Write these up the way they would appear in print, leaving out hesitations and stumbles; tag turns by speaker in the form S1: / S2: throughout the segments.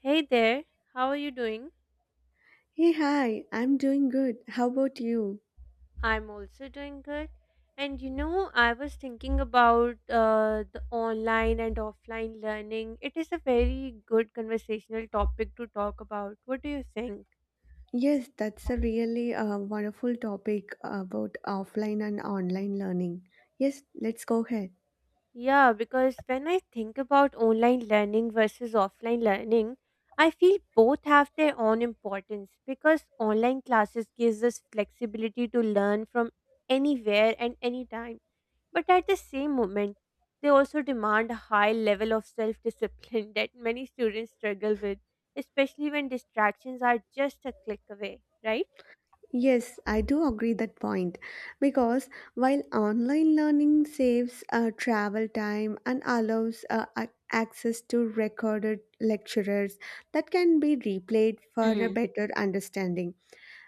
S1: Hey there, how are you doing?
S2: Hey, hi, I'm doing good. How about you?
S1: I'm also doing good. And you know, I was thinking about the online and offline learning. It is a very good conversational topic to talk about. What do you think?
S2: Yes, that's a really wonderful topic about offline and online learning. Yes, let's go ahead.
S1: Yeah, because when I think about online learning versus offline learning, I feel both have their own importance because online classes gives us flexibility to learn from anywhere and anytime. But at the same moment, they also demand a high level of self-discipline that many students struggle with, especially when distractions are just a click away, right?
S2: Yes, I do agree that point because while online learning saves travel time and allows access to recorded lecturers that can be replayed for a better understanding.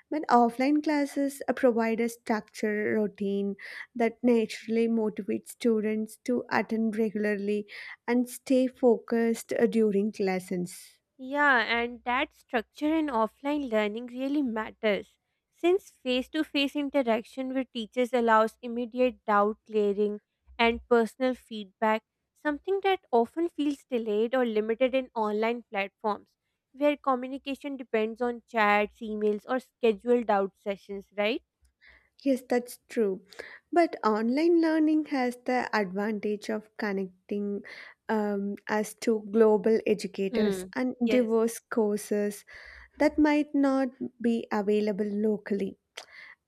S2: But offline classes provide a structure routine that naturally motivates students to attend regularly and stay focused during lessons.
S1: Yeah, and that structure in offline learning really matters. Since face to face interaction with teachers allows immediate doubt clearing and personal feedback, something that often feels delayed or limited in online platforms, where communication depends on chats, emails, or scheduled out sessions, right?
S2: Yes, that's true. But online learning has the advantage of connecting us to global
S1: Hmm.
S2: educators and
S1: Yes.
S2: diverse courses that might not be available locally,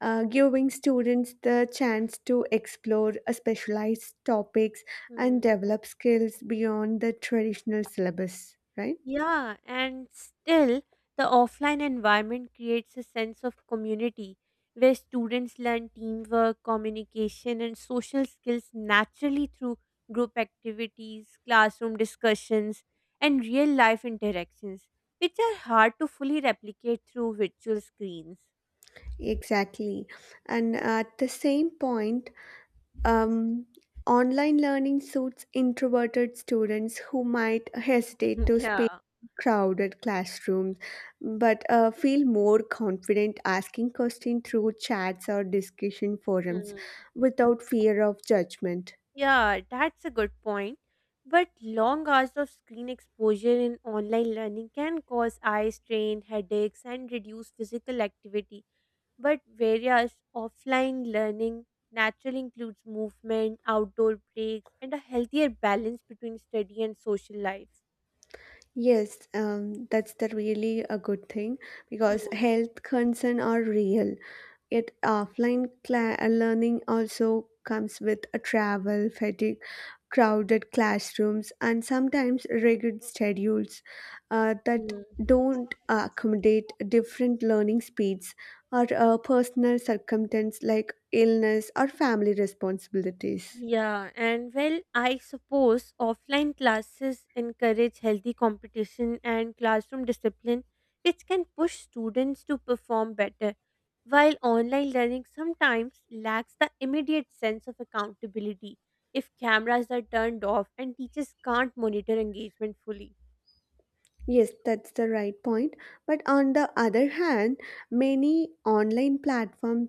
S2: giving students the chance to explore specialized topics and
S1: Hmm.
S2: develop skills beyond the traditional syllabus, right?
S1: Yeah, and still, the offline environment creates a sense of community where students learn teamwork, communication, and social skills naturally through group activities, classroom discussions, and real life interactions, which are hard to fully replicate through virtual screens.
S2: Exactly. And at the same point, um, online learning suits introverted students who might hesitate to speak
S1: yeah.
S2: in crowded classrooms but feel more confident asking questions through chats or discussion forums
S1: Mm.
S2: without fear of judgment.
S1: Yeah, that's a good point. But long hours of screen exposure in online learning can cause eye strain, headaches, and reduce physical activity. But whereas offline learning naturally includes movement, outdoor breaks, and a healthier balance between study and social life.
S2: Yes, that's the really a good thing because
S1: Hmm,
S2: health concern are real. Yet offline learning also comes with a travel fatigue, crowded classrooms, and sometimes rigid schedules that
S1: hmm.
S2: don't accommodate different learning speeds or personal circumstances like illness or family responsibilities.
S1: Yeah, and well, I suppose offline classes encourage healthy competition and classroom discipline, which can push students to perform better, while online learning sometimes lacks the immediate sense of accountability if cameras are turned off and teachers can't monitor engagement fully.
S2: Yes, that's the right point. But on the other hand, many online platforms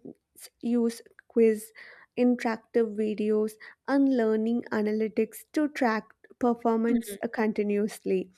S2: use quiz, interactive videos, and learning analytics to track performance continuously,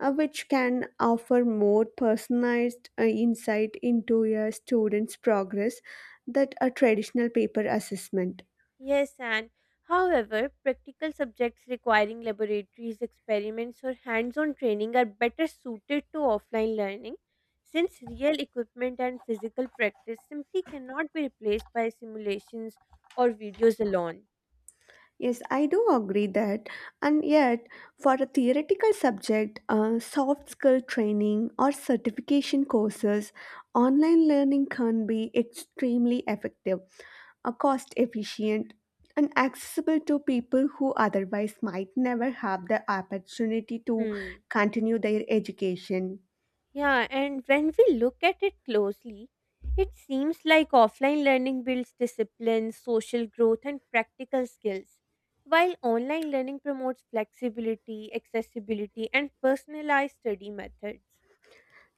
S2: which can offer more personalized insight into a student's progress than a traditional paper assessment.
S1: Yes, and however, practical subjects requiring laboratories, experiments, or hands on training are better suited to offline learning since real equipment and physical practice simply cannot be replaced by simulations or videos alone.
S2: Yes, I do agree that. And yet, for a theoretical subject, soft skill training or certification courses, online learning can be extremely effective, cost efficient, and accessible to people who otherwise might never have the opportunity to
S1: Hmm.
S2: continue their education.
S1: Yeah, and when we look at it closely, it seems like offline learning builds discipline, social growth, and practical skills, while online learning promotes flexibility, accessibility, and personalized study methods.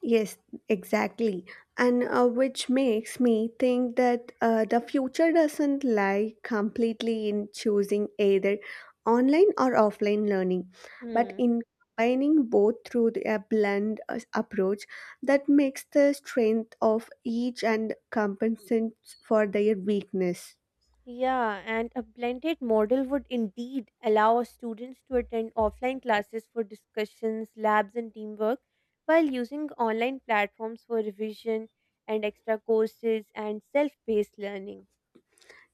S2: Yes, exactly. And which makes me think that the future doesn't lie completely in choosing either online or offline learning, but
S1: Hmm.
S2: in combining both through a blend approach that makes the strength of each and compensates for their weakness.
S1: Yeah, and a blended model would indeed allow our students to attend offline classes for discussions, labs, and teamwork, while using online platforms for revision and extra courses and self-paced learning.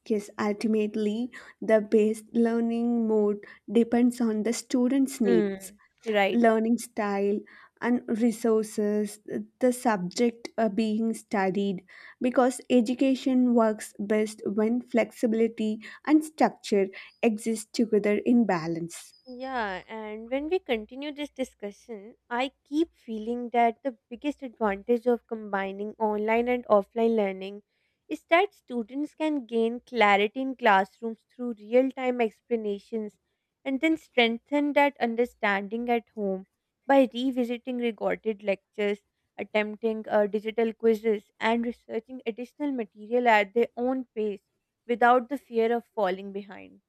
S2: Yes, ultimately, the best learning mode depends on the student's needs,
S1: Hmm. Right.
S2: learning style and resources, the subject being studied, because education works best when flexibility and structure exist together in balance.
S1: Yeah, and when we continue this discussion, I keep feeling that the biggest advantage of combining online and offline learning is that students can gain clarity in classrooms through real time explanations and then strengthen that understanding at home by revisiting recorded lectures, attempting digital quizzes, and researching additional material at their own pace without the fear of falling behind.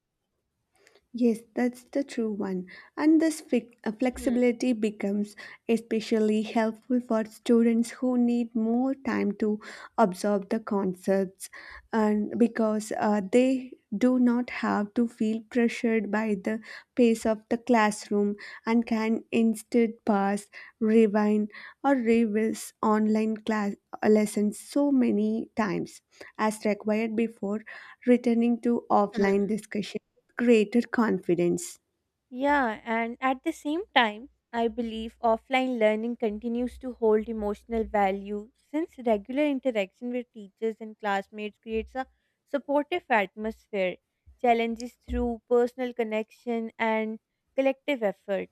S2: Yes, that's the true one. And this flexibility becomes especially helpful for students who need more time to absorb the concepts, and because they do not have to feel pressured by the pace of the classroom and can instead pause, rewind or revisits online class lessons so many times as required before returning to offline
S1: Mm.
S2: discussion with greater confidence.
S1: Yeah, and at the same time, I believe offline learning continues to hold emotional value since regular interaction with teachers and classmates creates a supportive atmosphere, challenges through personal connection and collective effort.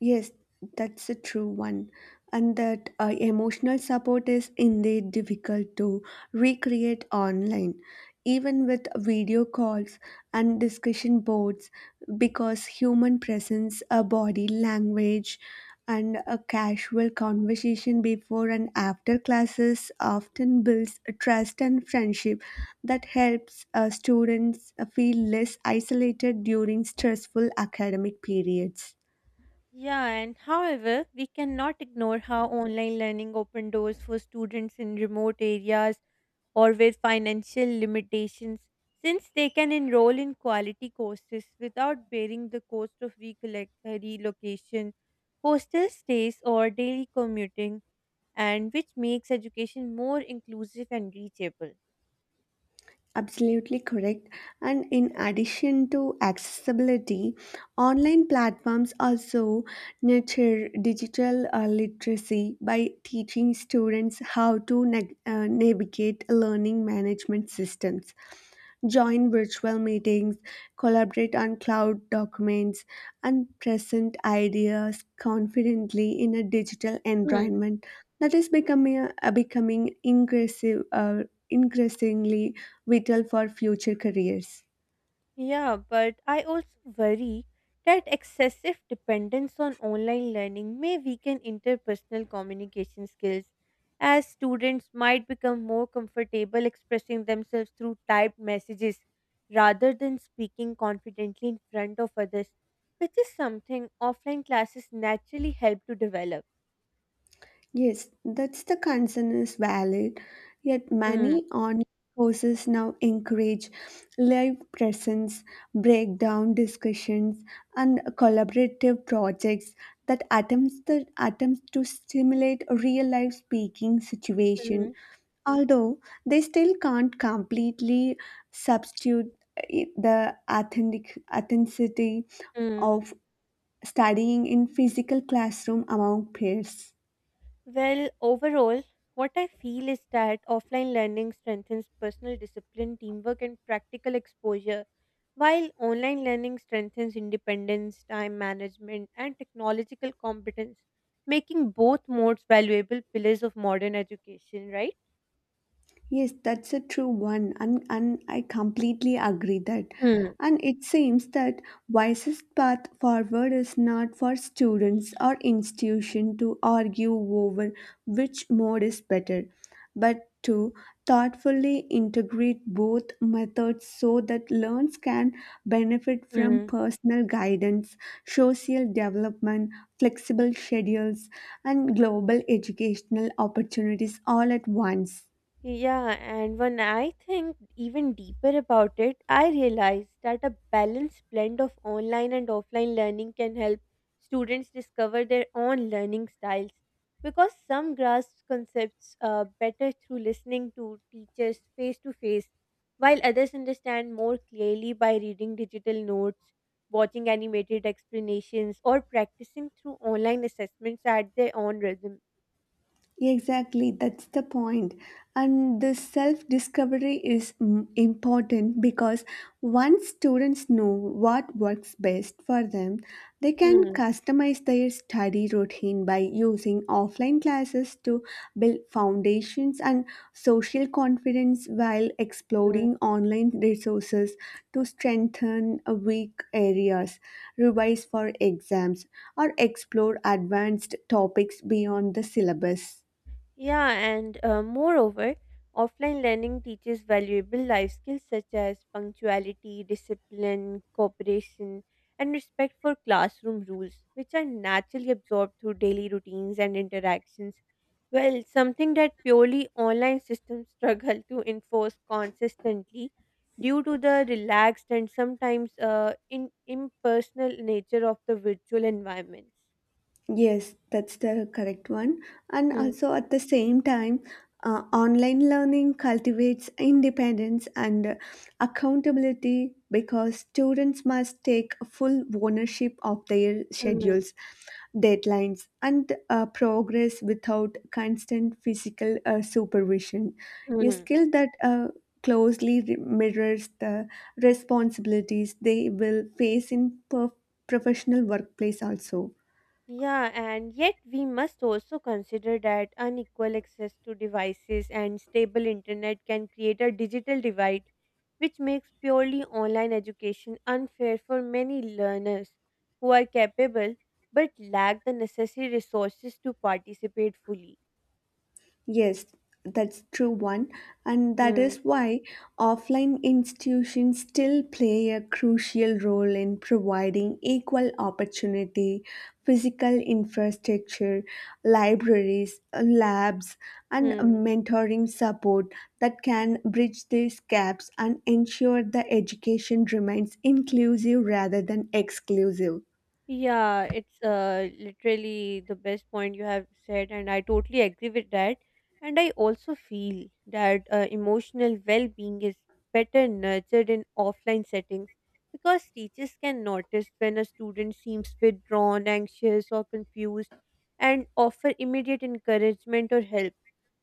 S2: Yes, that's a true one. And that emotional support is indeed difficult to recreate online, even with video calls and discussion boards, because human presence, a body language, and a casual conversation before and after classes often builds a trust and friendship that helps students feel less isolated during stressful academic periods.
S1: Yeah, and however, we cannot ignore how online learning opened doors for students in remote areas or with financial limitations, since they can enroll in quality courses without bearing the cost of relocation, hostel stays, or daily commuting, and which makes education more inclusive and reachable.
S2: Absolutely correct. And in addition to accessibility, online platforms also nurture digital literacy by teaching students how to navigate learning management systems, join virtual meetings, collaborate on cloud documents, and present ideas confidently in a digital environment that is becoming increasingly vital for future careers.
S1: Yeah, but I also worry that excessive dependence on online learning may weaken interpersonal communication skills, as students might become more comfortable expressing themselves through typed messages rather than speaking confidently in front of others, which is something offline classes naturally help to develop.
S2: Yes, that's the concern is valid. Yet
S1: Mm,
S2: many online courses now encourage live presence, breakdown discussions, and collaborative projects that attempts to stimulate real life speaking situation,
S1: mm,
S2: although they still can't completely substitute the authenticity
S1: mm.
S2: of studying in physical classroom among peers.
S1: Well, overall, what I feel is that offline learning strengthens personal discipline, teamwork, and practical exposure, while online learning strengthens independence, time management, and technological competence, making both modes valuable pillars of modern education, right?
S2: Yes, that's a true one, and, I completely agree that.
S1: Hmm.
S2: And it seems that wisest path forward is not for students or institution to argue over which mode is better, but to thoughtfully integrate both methods so that learns can benefit from
S1: Hmm.
S2: personal guidance, social development, flexible schedules, and global educational opportunities all at once.
S1: Yeah, and when I think even deeper about it, I realized that a balanced blend of online and offline learning can help students discover their own learning styles because some grasp concepts better through listening to teachers face to face, while others understand more clearly by reading digital notes, watching animated explanations, or practicing through online assessments at their own rhythm.
S2: Exactly, that's the point. And the self discovery is important because once students know what works best for them, they can
S1: Hmm.
S2: customize their study routine by using offline classes to build foundations and social confidence while exploring online resources to strengthen weak areas, revise for exams, or explore advanced topics beyond the syllabus.
S1: Yeah, and moreover, offline learning teaches valuable life skills such as punctuality, discipline, cooperation, and respect for classroom rules, which are naturally absorbed through daily routines and interactions. Well, something that purely online systems struggle to enforce consistently due to the relaxed and sometimes impersonal nature of the virtual environments.
S2: Yes, that's the correct one. And
S1: Hmm,
S2: also at the same time, online learning cultivates independence and accountability because students must take full ownership of their
S1: hmm,
S2: schedules, deadlines, and progress without constant physical supervision. A
S1: hmm.
S2: skill that closely mirrors the responsibilities they will face in professional workplace also.
S1: Yeah, and yet we must also consider that unequal access to devices and stable internet can create a digital divide, which makes purely online education unfair for many learners who are capable but lack the necessary resources to participate fully.
S2: Yes, that's true one, and that
S1: Hmm.
S2: is why offline institutions still play a crucial role in providing equal opportunity, physical infrastructure, libraries, labs, and
S1: Hmm.
S2: mentoring support that can bridge these gaps and ensure the education remains inclusive rather than exclusive.
S1: Yeah, it's literally the best point you have said, and I totally agree with that. And I also feel that emotional well being is better nurtured in offline settings because teachers can notice when a student seems withdrawn, anxious, or confused and offer immediate encouragement or help.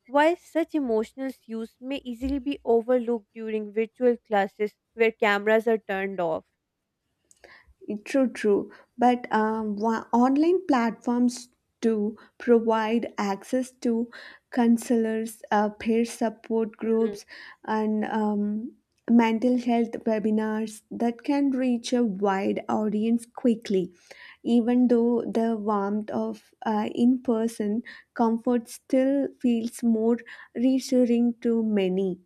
S1: While such emotional cues may easily be overlooked during virtual classes where cameras are turned off.
S2: True, true. But online platforms do provide access to counselors, peer support groups, and mental health webinars that can reach a wide audience quickly. Even though the warmth of in person comfort still feels more reassuring to many.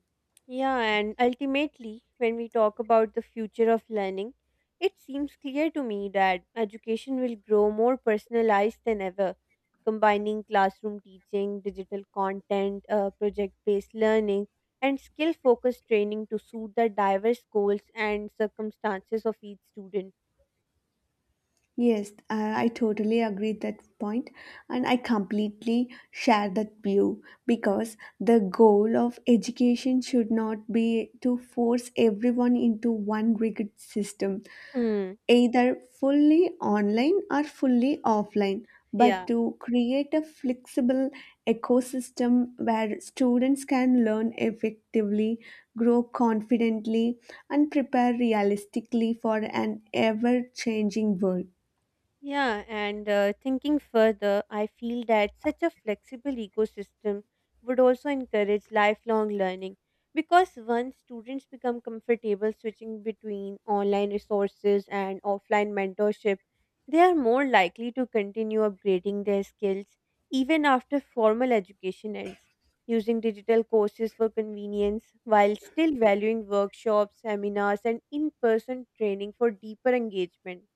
S1: Yeah, and ultimately, when we talk about the future of learning, it seems clear to me that education will grow more personalized than ever, combining classroom teaching, digital content, project based learning, and skill focused training to suit the diverse goals and circumstances of each student.
S2: Yes, I totally agree that point, and I completely share that view because the goal of education should not be to force everyone into one rigid system,
S1: Hmm.
S2: either fully online or fully offline, but
S1: Yeah.
S2: to create a flexible ecosystem where students can learn effectively, grow confidently, and prepare realistically for an ever changing world.
S1: Yeah, and thinking further, I feel that such a flexible ecosystem would also encourage lifelong learning because once students become comfortable switching between online resources and offline mentorship, they are more likely to continue upgrading their skills even after formal education ends, using digital courses for convenience while still valuing workshops, seminars, and in person training for deeper engagement.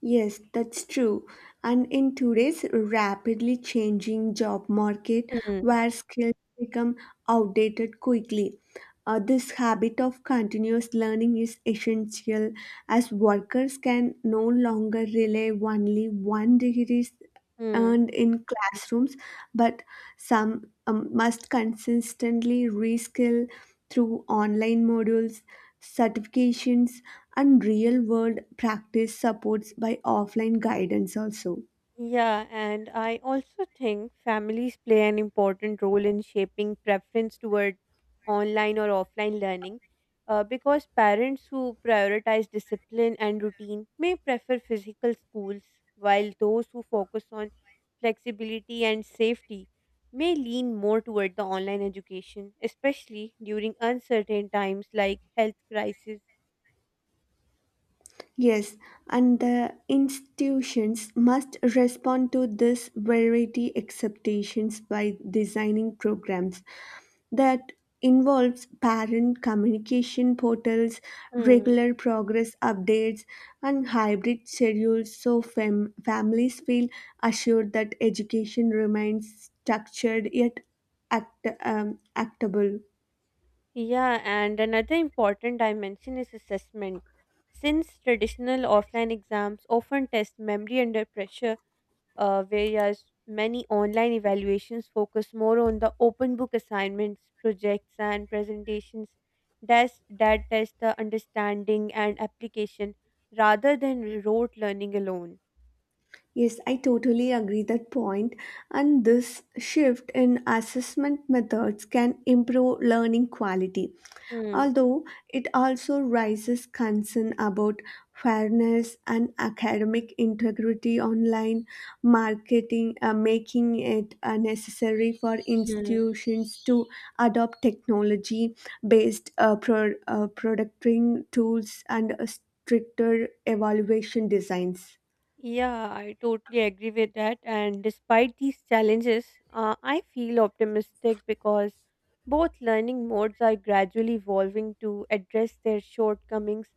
S2: Yes, that's true. And in today's rapidly changing job market,
S1: Hmm.
S2: where skills become outdated quickly, this habit of continuous learning is essential, as workers can no longer rely only one degree
S1: Hmm.
S2: earned in classrooms, but some must consistently reskill through online modules, certifications, and real world practice supports by offline guidance also.
S1: Yeah, and I also think families play an important role in shaping preference toward online or offline learning because parents who prioritize discipline and routine may prefer physical schools, while those who focus on flexibility and safety may lean more toward the online education, especially during uncertain times like health crisis.
S2: Yes, and the institutions must respond to this variety expectations by designing programs that involves parent communication portals, regular progress updates, and hybrid schedules so families feel assured that education remains structured yet actable.
S1: Yeah, and another important dimension is assessment. Since traditional offline exams often test memory under pressure, whereas many online evaluations focus more on the open book assignments, projects, and presentations that test the understanding and application rather than rote learning alone.
S2: Yes, I totally agree that point. And this shift in assessment methods can improve learning quality,
S1: Hmm.
S2: although it also raises concern about fairness and academic integrity online marketing, making it necessary for
S1: Hmm.
S2: institutions to adopt technology-based producting tools and stricter evaluation designs.
S1: Yeah, I totally agree with that. And despite these challenges, I feel optimistic because both learning modes are gradually evolving to address their shortcomings,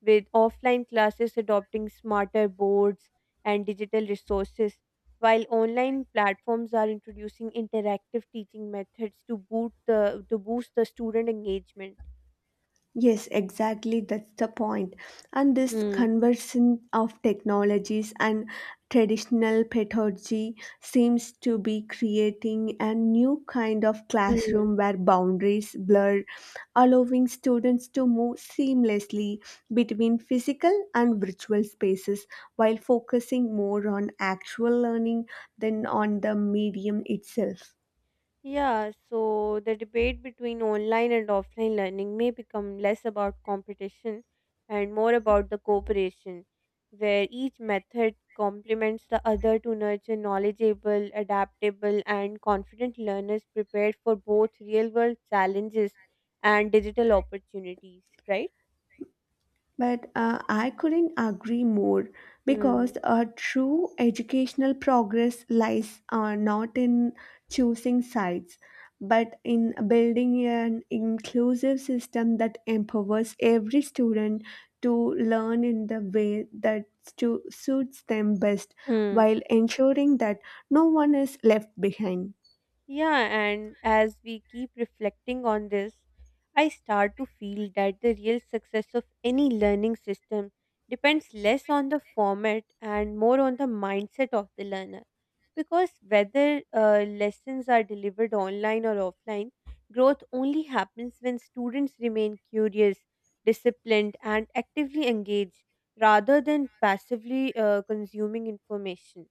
S1: with offline classes adopting smarter boards and digital resources, while online platforms are introducing interactive teaching methods to boot the to boost the student engagement.
S2: Yes, exactly. That's the point. And this
S1: Hmm.
S2: conversion of technologies and traditional pedagogy seems to be creating a new kind of
S1: Hmm.
S2: classroom where boundaries blur, allowing students to move seamlessly between physical and virtual spaces while focusing more on actual learning than on the medium itself.
S1: Yeah, so the debate between online and offline learning may become less about competition and more about the cooperation, where each method complements the other to nurture knowledgeable, adaptable, and confident learners prepared for both real world challenges and digital opportunities, right?
S2: But I couldn't agree more
S1: Hmm.
S2: because a true educational progress lies not in choosing sides, but in building an inclusive system that empowers every student to learn in the way that suits them best
S1: Hmm.
S2: while ensuring that no one is left behind.
S1: Yeah, and as we keep reflecting on this, I start to feel that the real success of any learning system depends less on the format and more on the mindset of the learner. Because whether lessons are delivered online or offline, growth only happens when students remain curious, disciplined, and actively engaged rather than passively consuming information.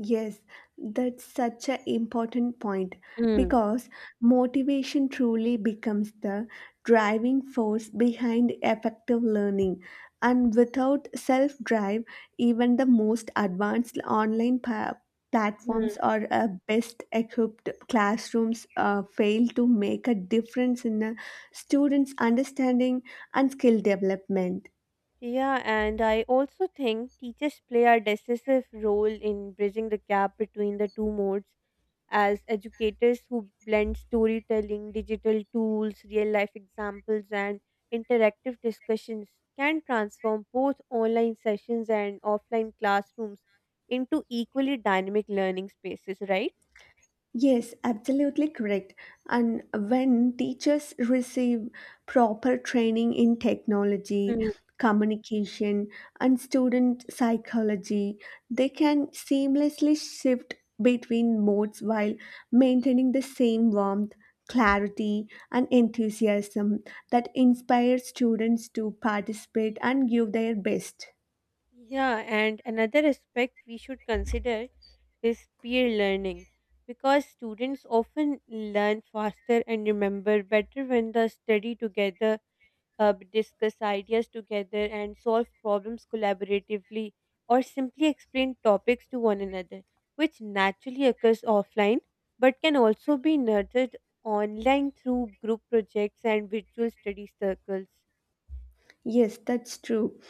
S2: Yes, that's such an important point
S1: Mm.
S2: because motivation truly becomes the driving force behind effective learning. And without self drive, even the most advanced online platforms or best equipped classrooms fail to make a difference in a student's understanding and skill development.
S1: Yeah, and I also think teachers play a decisive role in bridging the gap between the two modes as educators who blend storytelling, digital tools, real life examples, and interactive discussions can transform both online sessions and offline classrooms into equally dynamic learning spaces, right?
S2: Yes, absolutely correct. And when teachers receive proper training in technology,
S1: Mm.
S2: communication, and student psychology, they can seamlessly shift between modes while maintaining the same warmth, clarity, and enthusiasm that inspires students to participate and give their best.
S1: Yeah, and another aspect we should consider is peer learning because students often learn faster and remember better when they study together, discuss ideas together, and solve problems collaboratively or simply explain topics to one another, which naturally occurs offline but can also be nurtured online through group projects and virtual study circles.
S2: Yes, that's true.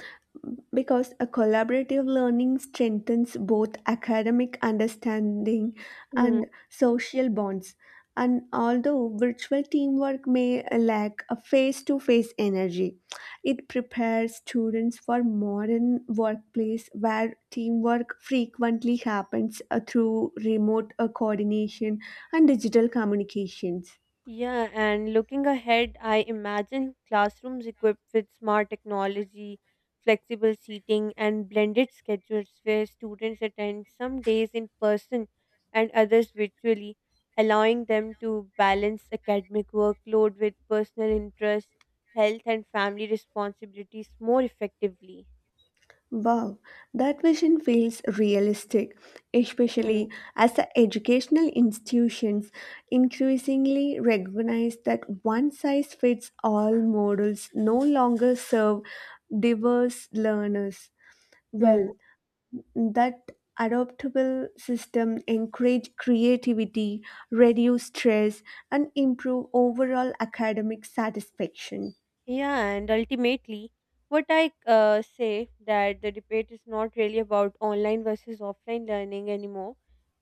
S2: Because a collaborative learning strengthens both academic understanding and social bonds, and although virtual teamwork may lack a face-to-face energy, it prepares students for modern workplace where teamwork frequently happens through remote coordination and digital communications.
S1: Yeah, and looking ahead, I imagine classrooms equipped with smart technology, flexible seating, and blended schedules where students attend some days in person and others virtually, allowing them to balance academic workload with personal interests, health, and family responsibilities more effectively.
S2: Wow, that vision feels realistic,
S1: Hmm.
S2: especially as the educational institutions increasingly recognize that one size fits all models no longer serve diverse learners well.
S1: Hmm.
S2: That adoptable system encourage creativity, reduce stress, and improve overall academic satisfaction.
S1: Yeah, and ultimately, what I say that the debate is not really about online versus offline learning anymore,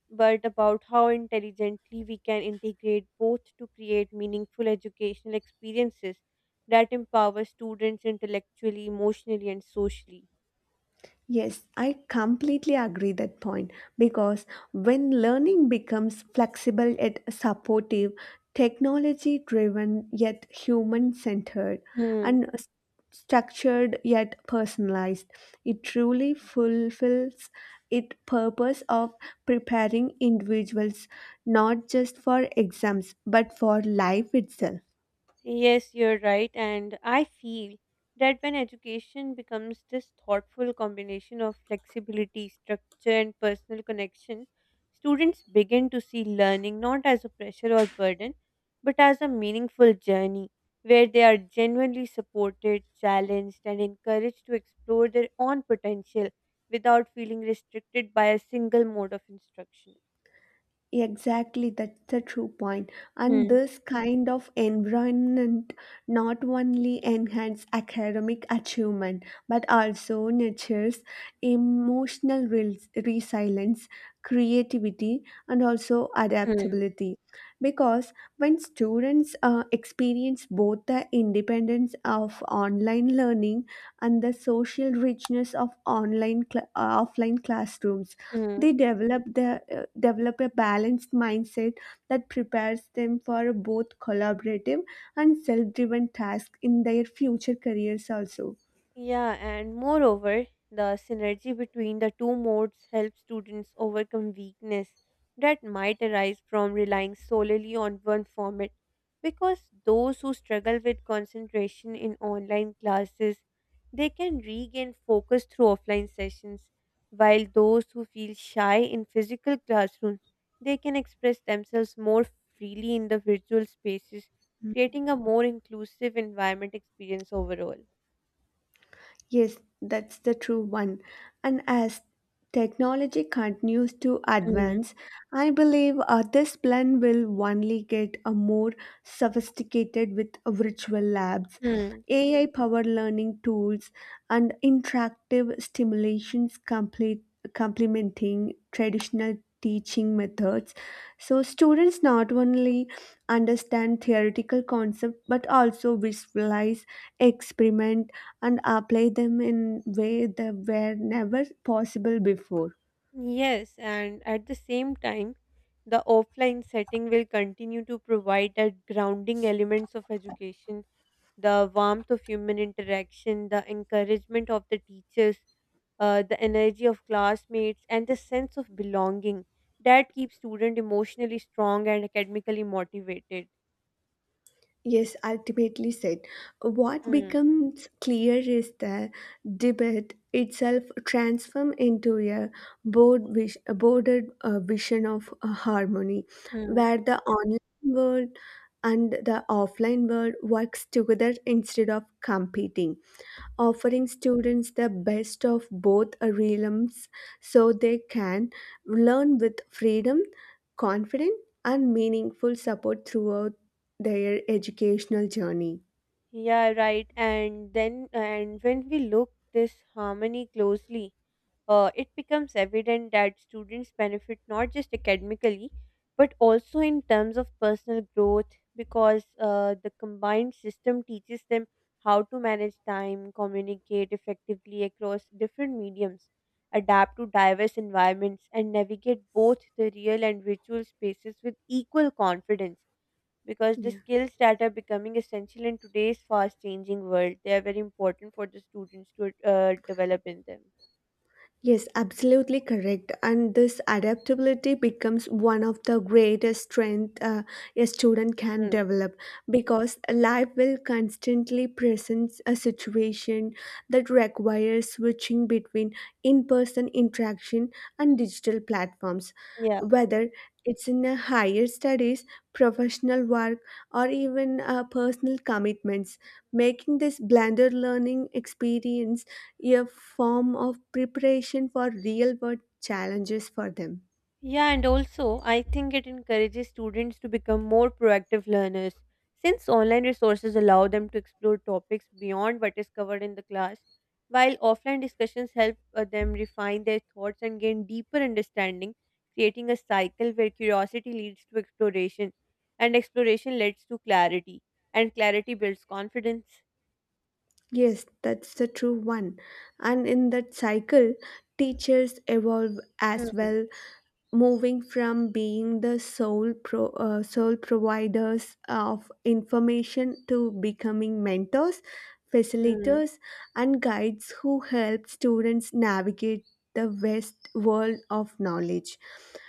S1: but about how intelligently we can integrate both to create meaningful educational experiences that empower students intellectually, emotionally, and socially.
S2: Yes, I completely agree that point because when learning becomes flexible yet supportive, technology driven yet human centered,
S1: Hmm.
S2: and structured yet personalized, it truly fulfills its purpose of preparing individuals not just for exams but for life itself.
S1: Yes, you're right. And I feel that when education becomes this thoughtful combination of flexibility, structure, and personal connection, students begin to see learning not as a pressure or burden, but as a meaningful journey where they are genuinely supported, challenged, and encouraged to explore their own potential without feeling restricted by a single mode of instruction.
S2: Exactly, that's the true point. And
S1: Hmm.
S2: this kind of environment not only enhances academic achievement but also nurtures emotional resilience, creativity, and also
S1: Hmm.
S2: adaptability. Because when students experience both the independence of online learning and the social richness of offline classrooms,
S1: Hmm.
S2: they develop a balanced mindset that prepares them for both collaborative and self-driven tasks in their future careers also.
S1: Yeah, and moreover, the synergy between the two modes helps students overcome weakness that might arise from relying solely on one format. Because those who struggle with concentration in online classes, they can regain focus through offline sessions, while those who feel shy in physical classrooms, they can express themselves more freely in the virtual spaces, creating a more inclusive environment experience overall.
S2: Yes, that's the true one. And as technology continues to
S1: Mhm.
S2: advance, I believe this plan will only get a more sophisticated with virtual labs,
S1: Hmm.
S2: AI powered learning tools, and interactive stimulations complete complementing traditional teaching methods. So, students not only understand theoretical concepts but also visualize, experiment, and apply them in way that were never possible before.
S1: Yes, and at the same time, the offline setting will continue to provide that grounding elements of education, the warmth of human interaction, the encouragement of the teachers, the energy of classmates, and the sense of belonging that keeps student emotionally strong and academically motivated.
S2: Yes, ultimately said. What
S1: Hmm.
S2: becomes clear is the debate itself transforms into a bordered vision of harmony,
S1: Hmm.
S2: where the online world and the offline world works together instead of competing, offering students the best of both realms so they can learn with freedom, confidence, and meaningful support throughout their educational journey.
S1: Yeah, right. And when we look this harmony closely, it becomes evident that students benefit not just academically but also in terms of personal growth because the combined system teaches them how to manage time, communicate effectively across different mediums, adapt to diverse environments, and navigate both the real and virtual spaces with equal confidence. Because the
S2: Yeah.
S1: skills that are becoming essential in today's fast changing world, they are very important for the students to develop in them.
S2: Yes, absolutely correct. And this adaptability becomes one of the greatest strength a student can
S1: Mm.
S2: develop because life will constantly present a situation that requires switching between in-person interaction and digital platforms,
S1: Yeah.
S2: whether it's in a higher studies, professional work, or even personal commitments, making this blended learning experience a form of preparation for real world challenges for them.
S1: Yeah, and also, I think it encourages students to become more proactive learners. Since online resources allow them to explore topics beyond what is covered in the class, while offline discussions help them refine their thoughts and gain deeper understanding, creating a cycle where curiosity leads to exploration, and exploration leads to clarity, and clarity builds confidence.
S2: Yes, that's the true one. And in that cycle, teachers evolve as
S1: Hmm.
S2: well, moving from being the sole providers of information to becoming mentors,
S1: Hmm.
S2: facilitators, and guides who help students navigate the vast world of knowledge,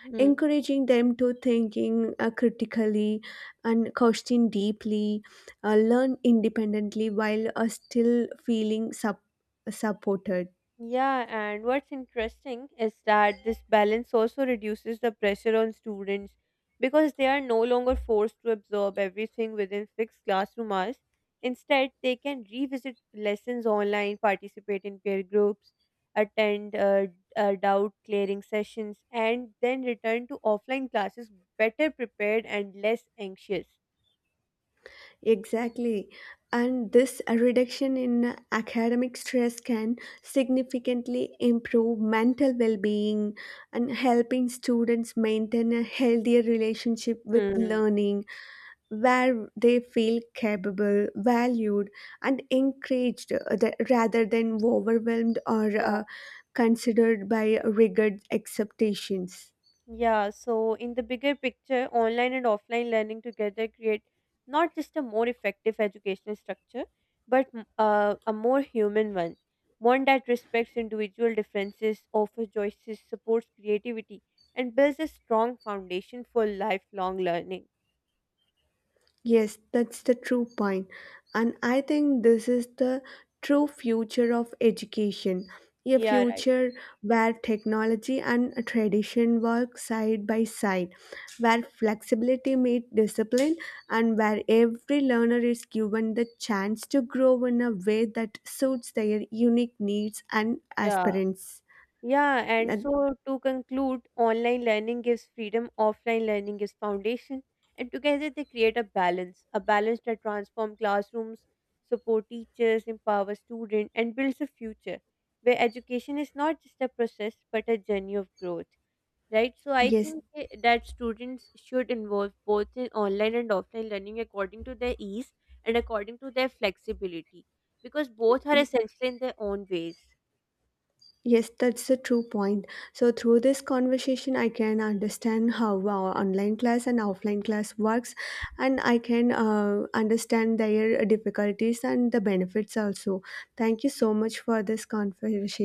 S1: Hmm.
S2: encouraging them to thinking critically and question deeply, learn independently while still feeling supported.
S1: Yeah, and what's interesting is that this balance also reduces the pressure on students because they are no longer forced to absorb everything within fixed classroom hours. Instead, they can revisit lessons online, participate in peer groups, attend doubt clearing sessions, and then return to offline classes better prepared and less anxious.
S2: Exactly. And this reduction in academic stress can significantly improve mental well being and helping students maintain a healthier relationship with
S1: Hmm.
S2: learning where they feel capable, valued, and encouraged rather than overwhelmed or considered by rigid expectations.
S1: Yeah, so in the bigger picture, online and offline learning together create not just a more effective educational structure, but a more human one, one that respects individual differences, offers choices, supports creativity, and builds a strong foundation for lifelong learning.
S2: Yes, that's the true point. And I think this is the true future of education. A
S1: Yeah, right.
S2: future where technology and tradition work side by side, where flexibility meets discipline, and where every learner is given the chance to grow in a way that suits their unique needs and
S1: Yeah.
S2: aspirants.
S1: Yeah, and
S2: And
S1: so to conclude, online learning gives freedom, offline learning gives foundation, and together they create a balance that transforms classrooms, support teachers, empower students, and builds a future where education is not just a process but a journey of growth. Right, so I
S2: yes,
S1: think that students should involve both in online and offline learning according to their ease and according to their flexibility because both are essential in their own ways.
S2: yes, that's a true point. So through this conversation, I can understand how our online class and offline class works, and I can understand their difficulties and the benefits also. Thank you so much for this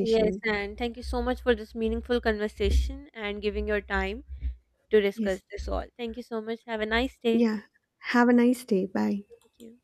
S1: Yes, and thank you so much for this meaningful conversation and giving your time to
S2: Yes.
S1: discuss this all. Thank you so much. Have a nice day.
S2: Yeah. Have a nice day. Bye.
S1: Thank you.